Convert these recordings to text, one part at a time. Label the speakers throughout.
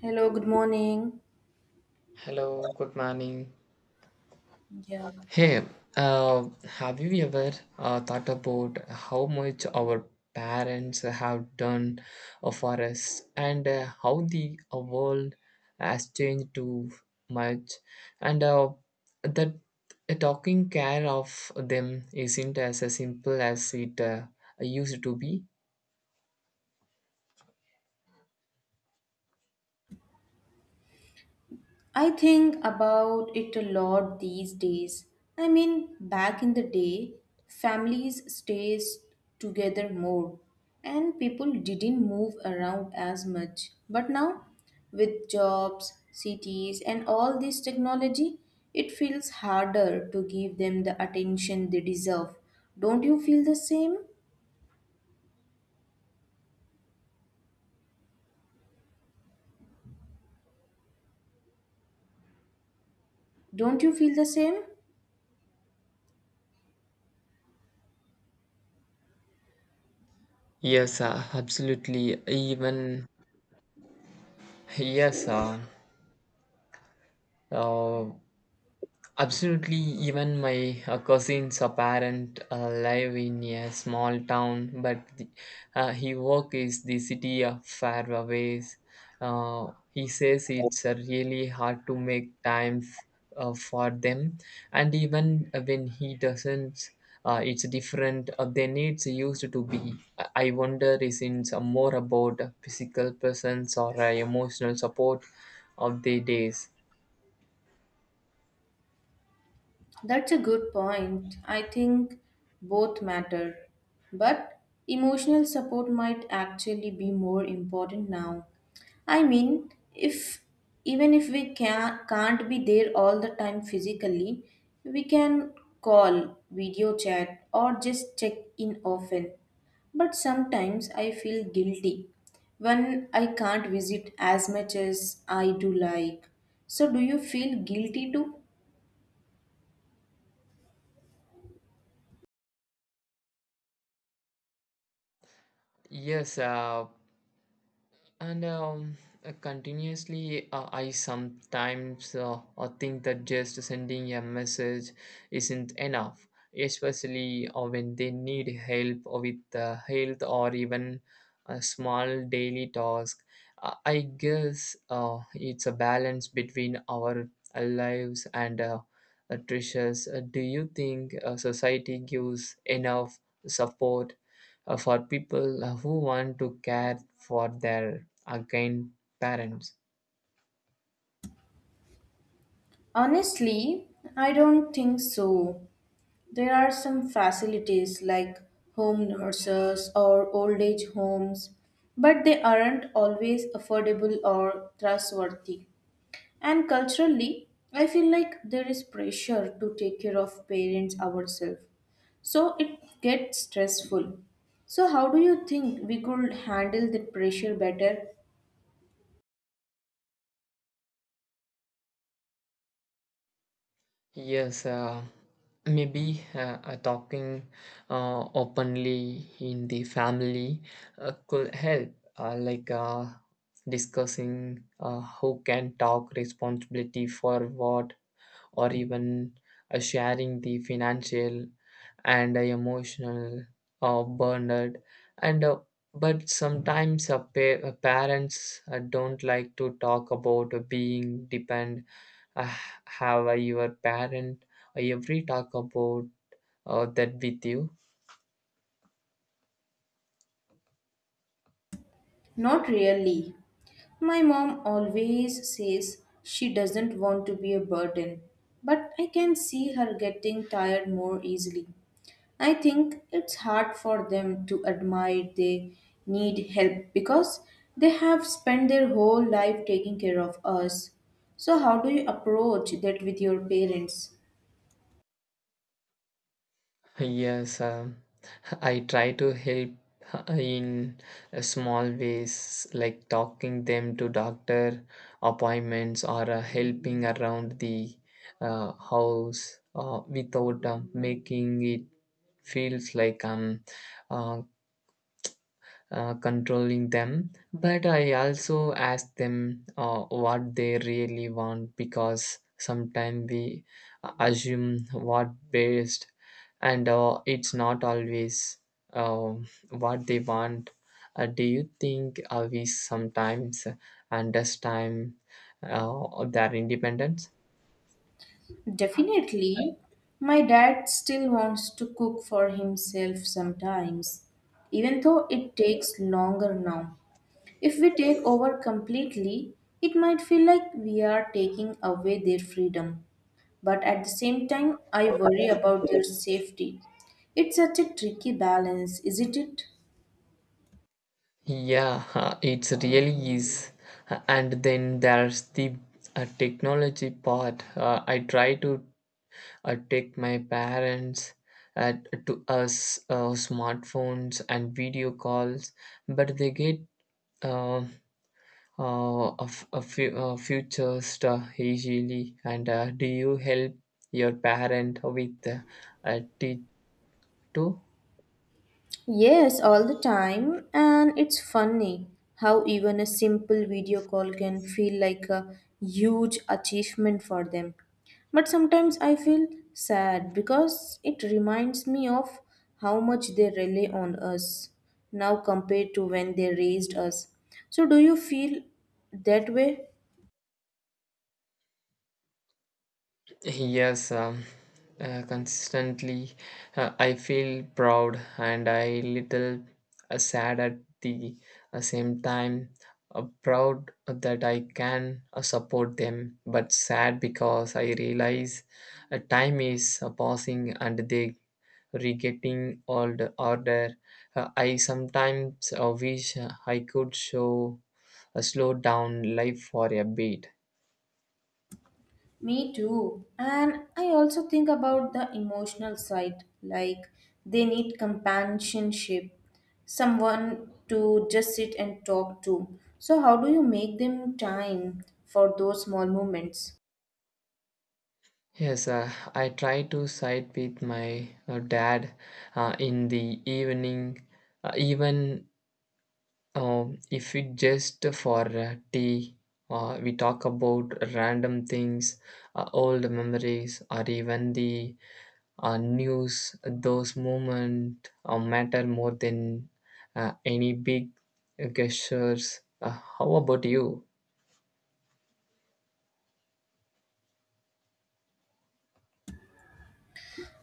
Speaker 1: Hello, good morning.
Speaker 2: Hello, good morning.
Speaker 1: Yeah,
Speaker 2: Hey, uh, have you ever thought about how much our parents have done for us and how the world has changed too much and that taking care of them isn't as simple as it used to be?
Speaker 1: I think about it a lot these days. I mean, back in the day, families stayed together more and people didn't move around as much. But now, with jobs, cities, and all this technology, it feels harder to give them the attention they deserve. Don't you feel the same? Don't you feel the same?
Speaker 2: Yes, absolutely. Yes, uh, uh, Absolutely, even my cousin's a parent live in a small town, but he work is the city of Fairways. He says it's really hard to make time for them, and even when he doesn't, it's different. Their needs used to be. I wonder is it more about a physical presence or emotional support of the days.
Speaker 1: That's a good point. I think both matter. But emotional support might actually be more important now. I mean, if even if can't be there all the time physically, we can call, video chat, or just check in often. But sometimes I feel guilty when I can't visit as much as I do like. So, do you feel guilty too?
Speaker 2: Yes, And continuously, I sometimes think that just sending a message isn't enough, especially when they need help with health or even a small daily task. I guess it's a balance between our lives and treasures. Do you think society gives enough support for people who want to care for their again parents.
Speaker 1: Honestly, I don't think so. There are some facilities like home nurses or old age homes, but they aren't always affordable or trustworthy. And culturally, I feel like there is pressure to take care of parents ourselves. So it gets stressful. So, how do you think we could handle that pressure better?
Speaker 2: Yes, maybe talking openly in the family could help, uh, like uh, discussing who can talk responsibility for what or even sharing the financial and emotional burden and but sometimes parents don't like to talk about being depend. uh, have your parent every talk about that with you?
Speaker 1: Not really. My mom always says she doesn't want to be a burden, but I can see her getting tired more easily. I think it's hard for them to admit they need help because they have spent their whole life taking care of us. So, how do you approach that with your parents?
Speaker 2: Yes, I try to help in small ways, like talking them to doctor appointments or helping around the house without making it feels like I'm uh, controlling them, but I also ask them what they really want, because sometimes we assume what best, and it's not always uh, what they want. Do you think we sometimes understand their independence?
Speaker 1: Definitely, my dad still wants to cook for himself sometimes, even though it takes longer now. If we take over completely, it might feel like we are taking away their freedom. But at the same time, I worry about their safety. It's such a tricky balance, isn't it?
Speaker 2: Yeah, it's really is. And then there's the technology part. I try to take my parents uh, to us smartphones and video calls, but they get uh, a few future stuff easily. And do you help your parent with teach too?
Speaker 1: Yes, all the time, and it's funny how even a simple video call can feel like a huge achievement for them. But sometimes I feel sad because it reminds me of how much they rely on us now compared to when they raised us. So, do you feel that way?
Speaker 2: Yes, consistently I feel proud and I little sad at the same time. Proud that I can support them, but sad because I realize time is passing and they re-getting all the order. I sometimes wish I could show slow down life for a bit.
Speaker 1: Me too. And I also think about the emotional side, like they need companionship, someone to just sit and talk to. So, how do you make them time for those small moments?
Speaker 2: Yes, I try to side with my dad in the evening, even if it just for tea. We talk about random things, old memories, or even the news. Those moments matter more than any big gestures. How about you?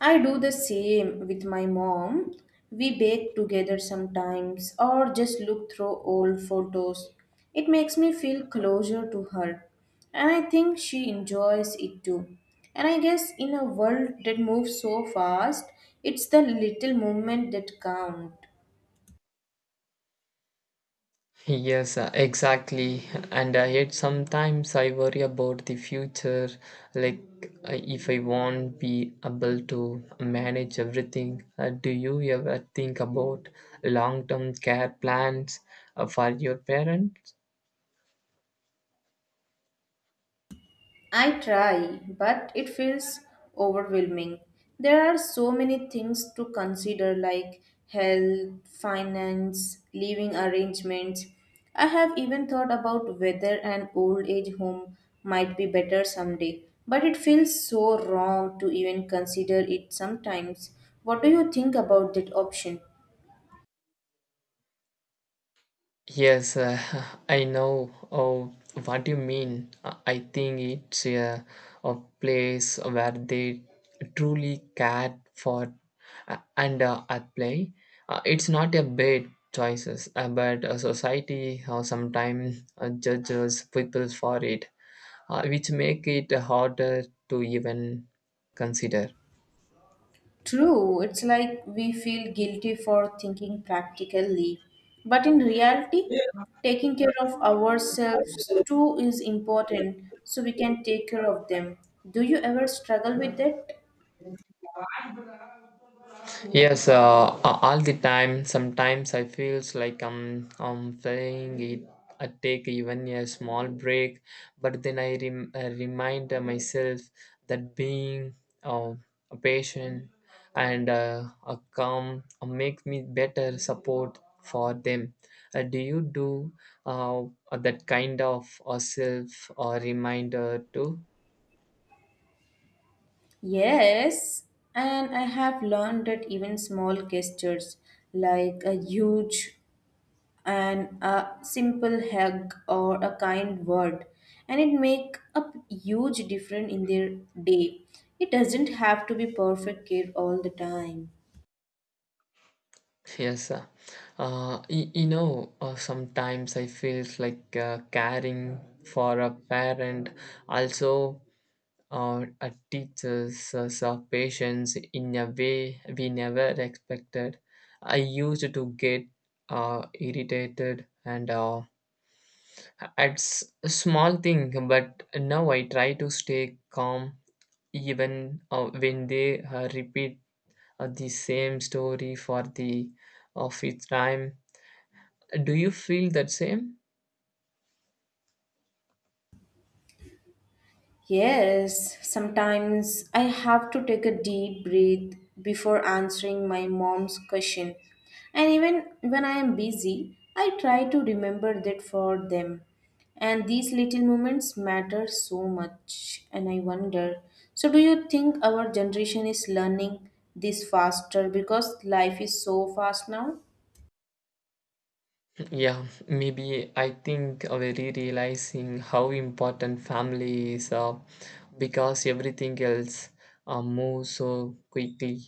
Speaker 1: I do the same with my mom. We bake together sometimes or just look through old photos. It makes me feel closer to her, and I think she enjoys it too. And I guess in a world that moves so fast, it's the little moment that count.
Speaker 2: Yes, exactly. And yet sometimes I worry about the future, like if I won't be able to manage everything. Do you ever think about long-term care plans for your parents?
Speaker 1: I try, but it feels overwhelming. There are so many things to consider like health, finance, living arrangements. I have even thought about whether an old age home might be better someday, but it feels so wrong to even consider it sometimes. What do you think about that option?
Speaker 2: Yes, I know oh, what you mean. I think it's a place where they truly care for and at play. It's not a bad choices, but a society sometimes judges people for it, which make it harder to even consider.
Speaker 1: True, it's like we feel guilty for thinking practically, but in reality, taking care of ourselves too is important so we can take care of them. Do you ever struggle with that?
Speaker 2: Yes, all the time. Sometimes I feels like I'm playing it. I take even a small break, but then I remind myself that being uh, a patient and a calm make me better support for them. Do you do uh, that kind of a self or reminder too?
Speaker 1: Yes, and I have learned that even small gestures like a huge and a simple hug or a kind word and it make a huge difference in their day. It doesn't have to be perfect care all the time.
Speaker 2: Yes, sir. Sometimes I feel like caring for a parent also teaches us our patience in a way we never expected. I used to get irritated and at s- a small thing, but now I try to stay calm even when they repeat the same story for the of fifth time. Do you feel that same?
Speaker 1: Yes, sometimes I have to take a deep breath before answering my mom's question. And even when I am busy, I try to remember that for them. And these little moments matter so much, and I wonder. So, do you think our generation is learning this faster because life is so fast now?
Speaker 2: Yeah, maybe I think very realizing how important family is because everything else moves so quickly.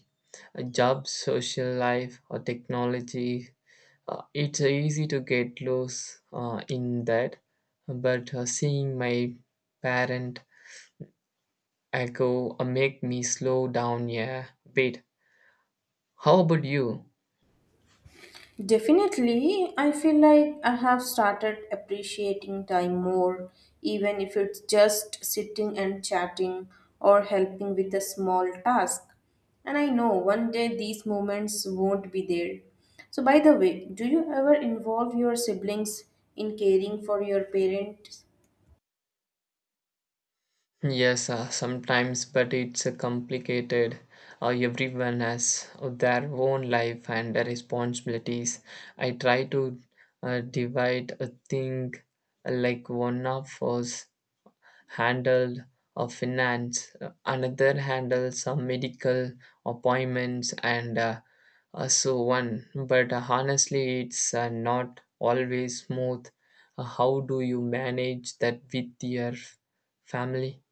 Speaker 2: A job, social life, or technology. It's easy to get lost in that, but seeing my parent echo make me slow down. Yeah, wait. How about you?
Speaker 1: Definitely, I feel like I have started appreciating time more, even if it's just sitting and chatting or helping with a small task. And I know one day these moments won't be there. So, by the way, do you ever involve your siblings in caring for your parents?
Speaker 2: Yes, sometimes, but it's complicated. Everyone has their own life and their responsibilities. I try to divide a thing like one of us handled finance, another handles some medical appointments, and so on. But honestly, it's not always smooth. How do you manage that with your family?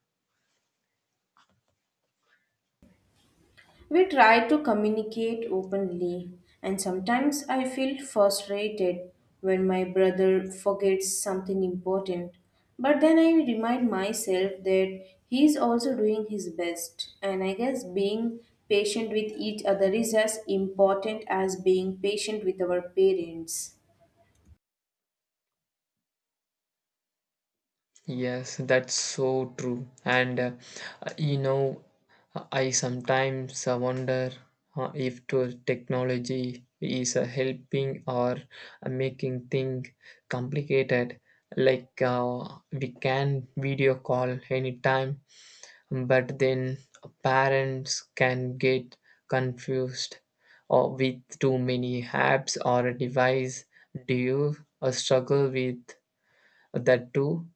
Speaker 1: We try to communicate openly, and sometimes I feel frustrated when my brother forgets something important. But then I remind myself that he is also doing his best, and I guess being patient with each other is as important as being patient with our parents.
Speaker 2: Yes, that's so true. And you know, I sometimes wonder if to technology is helping or making things complicated. Like we can video call anytime, but then parents can get confused or with too many apps or a device. Do you struggle with that too?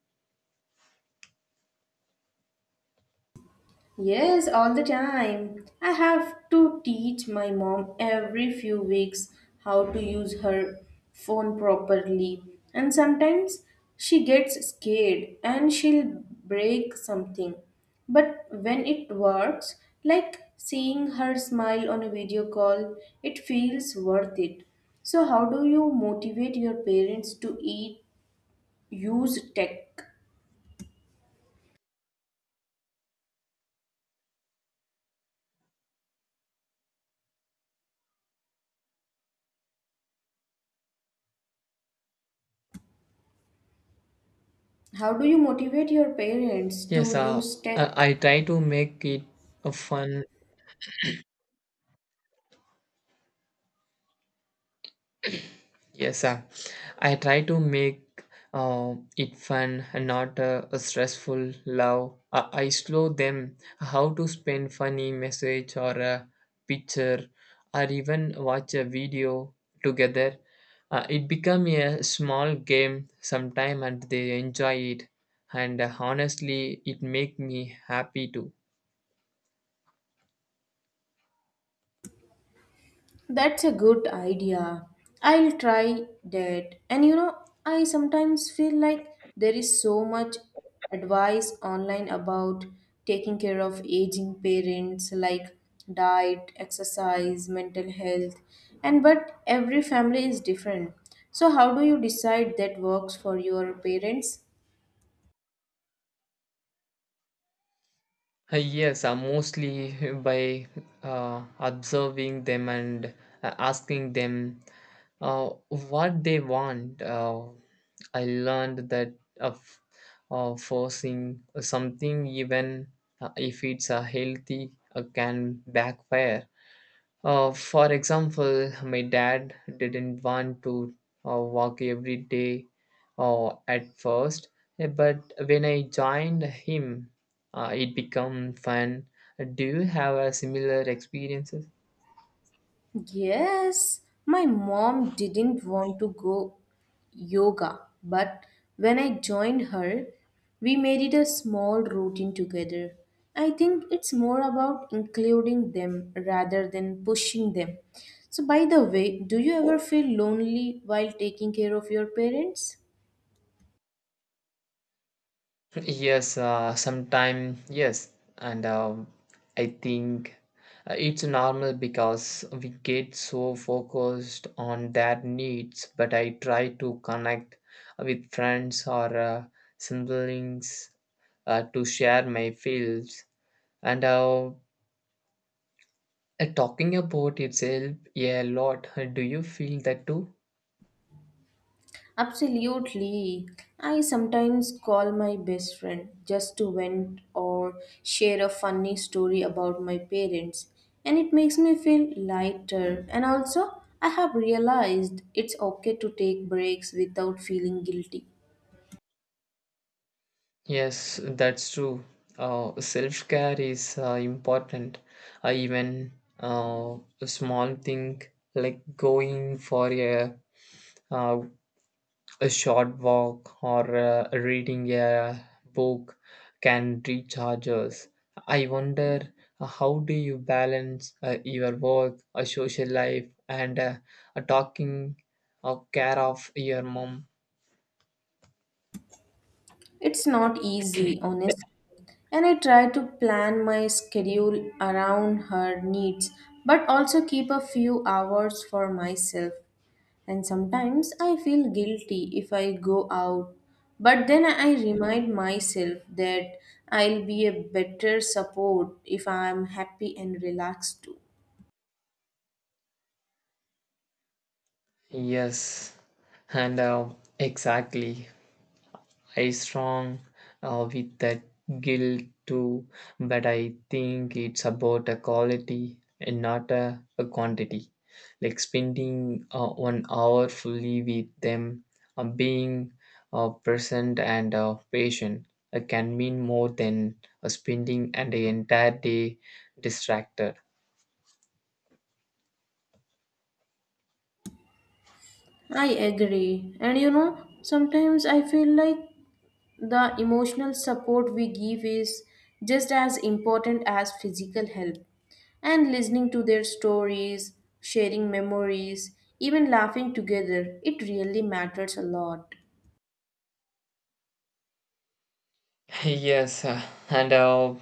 Speaker 1: Yes, all the time. I have to teach my mom every few weeks how to use her phone properly. And sometimes she gets scared and she'll break something. But when it works, like seeing her smile on a video call, it feels worth it. So, how do you motivate your parents to eat, use tech? How do you motivate your parents to
Speaker 2: Yes,
Speaker 1: use tech?
Speaker 2: I try to make it a fun. Yes, I try to make it fun and not a stressful love. I slow them how to spend funny message or a picture or even watch a video together. It become a small game sometime and they enjoy it. And honestly, it make me happy too.
Speaker 1: That's a good idea. I'll try that. And you know, I sometimes feel like there is so much advice online about taking care of aging parents, like diet, exercise, mental health, and but every family is different. So, how do you decide that works for your parents?
Speaker 2: Yes, mostly by observing them and asking them what they want. I learned that of forcing something, even if it's healthy, can backfire. For example, my dad didn't want to walk every day at first, but when I joined him, it became fun. Do you have a similar experiences?
Speaker 1: Yes, my mom didn't want to go yoga, but when I joined her, we made it a small routine together. I think it's more about including them rather than pushing them. So, by the way, do you ever feel lonely while taking care of your parents?
Speaker 2: Yes, sometime yes, and I think it's normal because we get so focused on their needs. But I try to connect with friends or siblings to share my feels. And talking about itself a lot. Do you feel that too?
Speaker 1: Absolutely. I sometimes call my best friend just to vent or share a funny story about my parents, and it makes me feel lighter. And also, I have realized it's okay to take breaks without feeling guilty.
Speaker 2: Yes, that's true. Self care is important. Even a small thing like going for uh, a short walk or reading a book can recharge us. I wonder how do you balance your work, a social life, and a talking or care of your mom?
Speaker 1: It's not easy, honest, and I try to plan my schedule around her needs, but also keep a few hours for myself. And sometimes I feel guilty if I go out, but then I remind myself that I'll be a better support if I'm happy and relaxed too.
Speaker 2: Yes, and exactly. I strong with that guilt too, but I think it's about a quality and not a quantity. Like spending 1 hour fully with them, being present and patient can mean more than spending an entire day distracted.
Speaker 1: I agree. And you know, sometimes I feel like the emotional support we give is just as important as physical help. And listening to their stories, sharing memories, even laughing together, it really matters a lot.
Speaker 2: Yes, and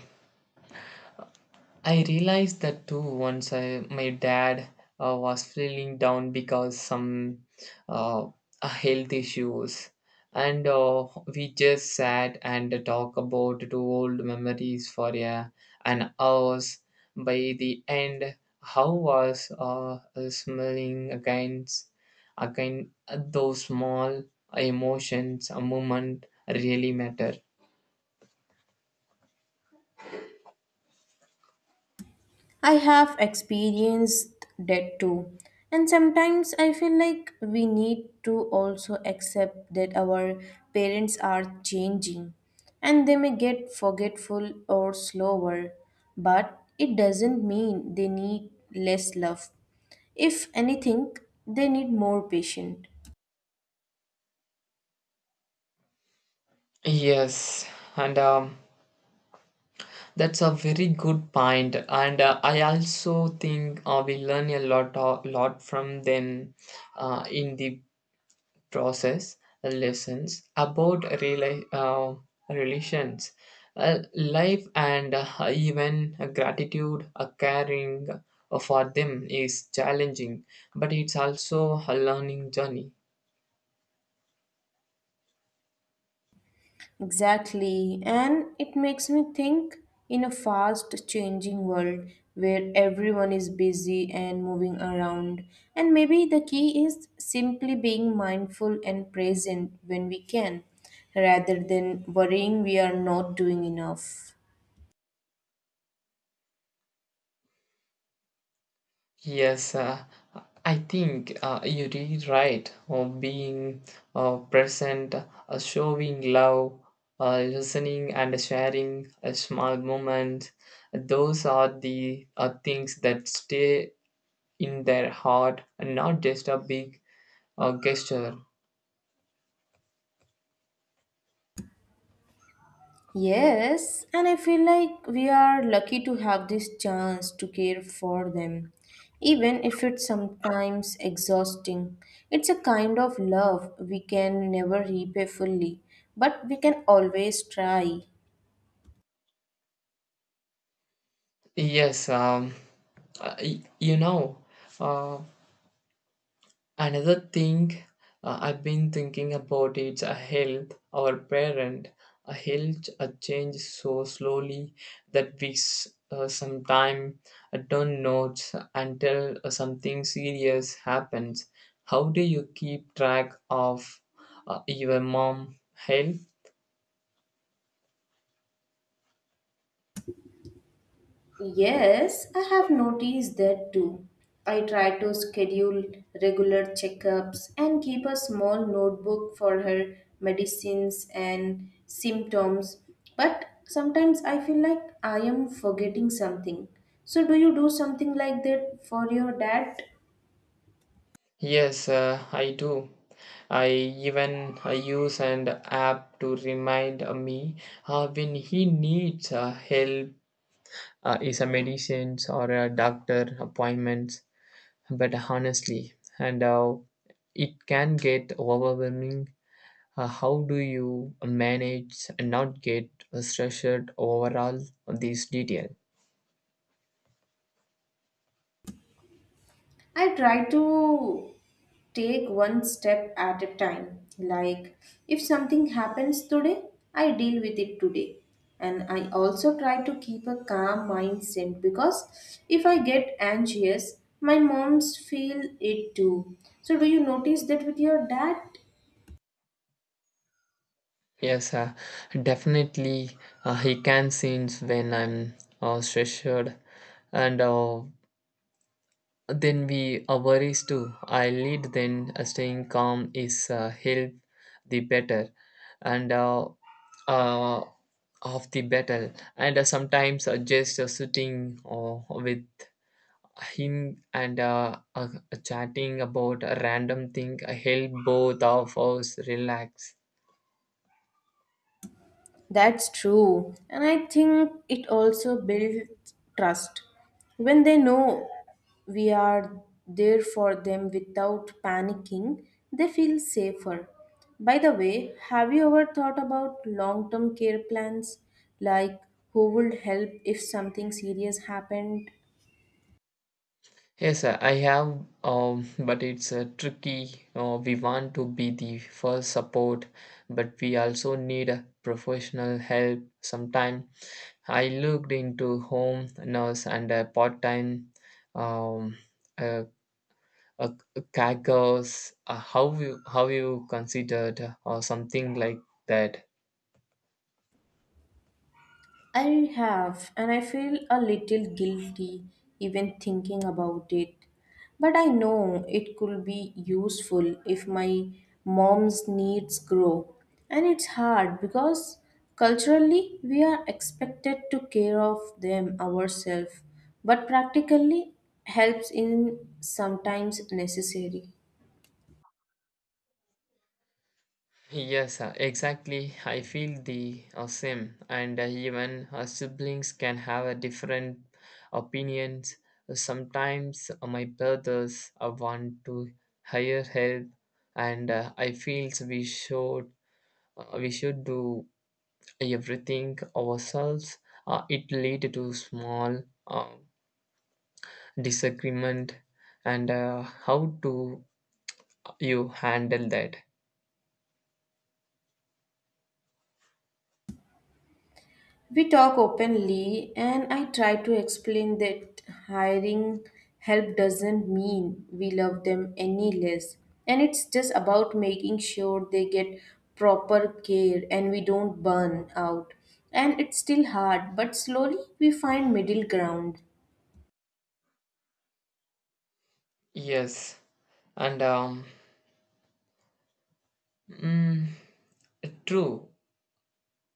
Speaker 2: I realized that too. Once my dad was feeling down because some uh, health issues, and we just sat and talked about the old memories for an hours. By the end, how was smiling against again. Those small emotions, a moment really matter.
Speaker 1: I have experienced that too. And sometimes I feel like we need to also accept that our parents are changing and they may get forgetful or slower, but it doesn't mean they need less love. If anything, they need more patience.
Speaker 2: Yes, and that's a very good point, and I also think we learn a lot, of, lot from them in the process lessons about relations, life, and even gratitude. Caring for them is challenging, but it's also a learning journey.
Speaker 1: Exactly. And it makes me think in a fast changing world where everyone is busy and moving around. And maybe the key is simply being mindful and present when we can, rather than worrying we are not doing enough.
Speaker 2: Yes, I think you're really right. Being present, showing love, listening, and sharing a small moment. Those are the things that stay in their heart and not just a big gesture.
Speaker 1: Yes, and I feel like we are lucky to have this chance to care for them, even if it's sometimes exhausting. It's a kind of love we can never repay fully, but we can always try.
Speaker 2: Yes, you know. Uh, Another thing I've been thinking about is a health. Our parent, a health, a change so slowly that we sometimes don't notice until something serious happens. How do you keep track of your mom health?
Speaker 1: Yes, I have noticed that too. I try to schedule regular checkups and keep a small notebook for her medicines and symptoms, but sometimes I feel like I am forgetting something. So, do you do something like that for your dad?
Speaker 2: Yes, I do. I even use an app to remind me when he needs help is a medicines or a doctor appointments, but honestly and it can get overwhelming. How do you manage and not get stressed overall all these detail?
Speaker 1: I try to take one step at a time. Like, if something happens today, I deal with it today. And I also try to keep a calm mindset because if I get anxious, my moms feel it too. So, do you notice that with your dad?
Speaker 2: Yes, definitely he can sense when I'm stressed, and then we are worries too. I lead then staying calm is help the better and uh, of the battle. And sometimes just sitting with him and chatting about a random thing help both of us relax.
Speaker 1: That's true. And I think it also builds trust. When they know we are there for them without panicking, they feel safer. By the way, have you ever thought about long term care plans? Like who would help if something serious happened?
Speaker 2: Yes, sir. I have, but it's tricky. We want to be the first support, but we also need a professional help sometime. I looked into home nurse and a part-time um, uh, uh, caregivers. How you how you considered or something like that?
Speaker 1: I have, and I feel a little guilty even thinking about it. But I know it could be useful if my mom's needs grow. And it's hard because culturally we are expected to care of them ourselves, but practically helps in sometimes necessary.
Speaker 2: Yes, exactly. I feel the same, and even siblings can have a different opinions. Sometimes my brothers want to hire help, and I feel we should do everything ourselves. It lead to small disagreement, and how do you handle that?
Speaker 1: We talk openly, and I try to explain that hiring help doesn't mean we love them any less. And it's just about making sure they get proper care and we don't burn out. And it's still hard, but slowly we find middle ground.
Speaker 2: Yes, and um. mm, True,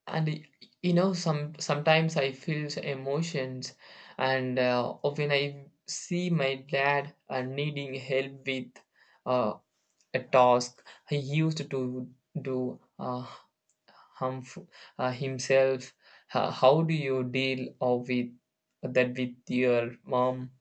Speaker 2: and you know, sometimes I feel emotions, and when I see my dad needing help with uh, a task, he used to do harmful himself. How do you deal with that with your mom?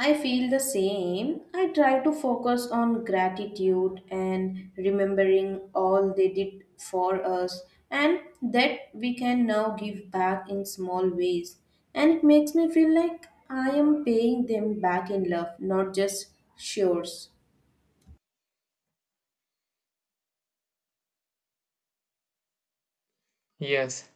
Speaker 1: I feel the same. I try to focus on gratitude and remembering all they did for us and that we can now give back in small ways. And it makes me feel like I am paying them back in love, not just shares.
Speaker 2: Yes.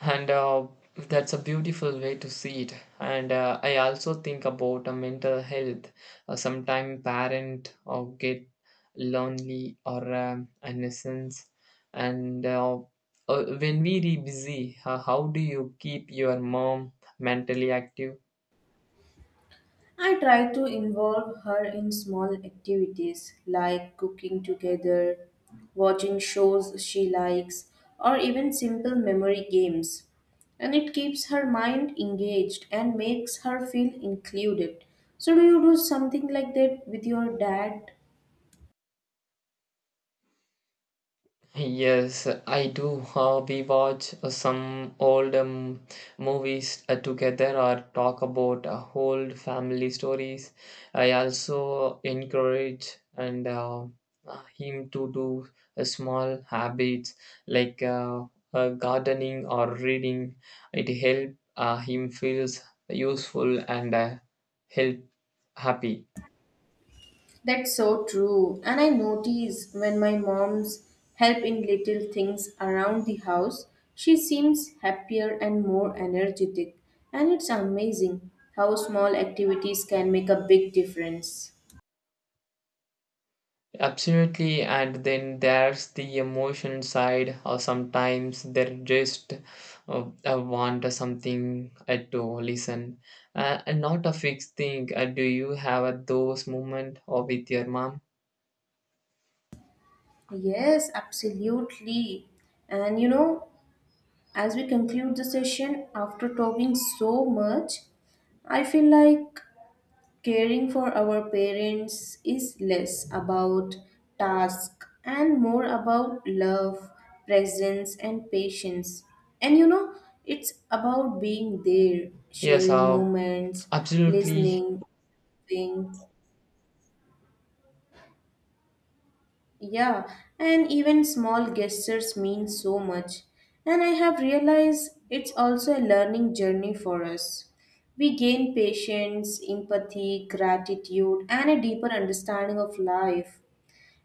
Speaker 2: and That's a beautiful way to see it. And I also think about mental health. Sometime parent or get lonely or a nuisance, and when we re busy, how do you keep your mom mentally active?
Speaker 1: I try to involve her in small activities like cooking together, watching shows she likes, or even simple memory games. And it keeps her mind engaged and makes her feel included. So, do you do something like that with your dad?
Speaker 2: Yes, I do. We watch some old movies together or talk about old family stories. I also encourage and him to do small habits like gardening or reading. It help him feels useful and help happy.
Speaker 1: That's so true. And I notice when my mom's help in little things around the house, she seems happier and more energetic. And it's amazing how small activities can make a big difference.
Speaker 2: Absolutely, and then there's the emotion side, or sometimes they just want something to listen, and not a fixed thing. Do you have those moment or with your mom?
Speaker 1: Yes, absolutely. And you know, as we conclude the session after talking so much, I feel like caring for our parents is less about task and more about love, presence, and patience. And you know, it's about being there,
Speaker 2: Yes,
Speaker 1: sharing moments,
Speaker 2: absolutely.
Speaker 1: listening, being, yeah, and even small gestures mean so much. And I have realized it's also a learning journey for us. We gain patience, empathy, gratitude, and a deeper understanding of life.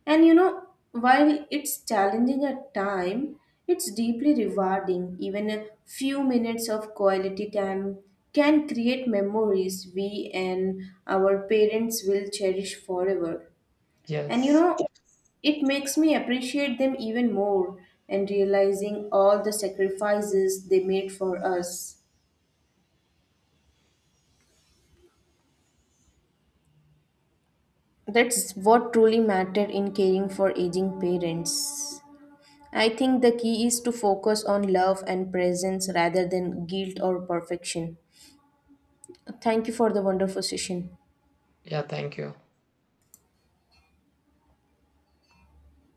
Speaker 1: And you know, while it's challenging at time, it's deeply rewarding. Even a few minutes of quality time can create memories we and our parents will cherish forever. And you
Speaker 2: Yes.
Speaker 1: know, it makes me appreciate them even more and realizing all the sacrifices they made for us. That's what truly mattered in caring for aging parents. I think the key is to focus on love and presence rather than guilt or perfection. Thank you for the wonderful session.
Speaker 2: Yeah, thank you.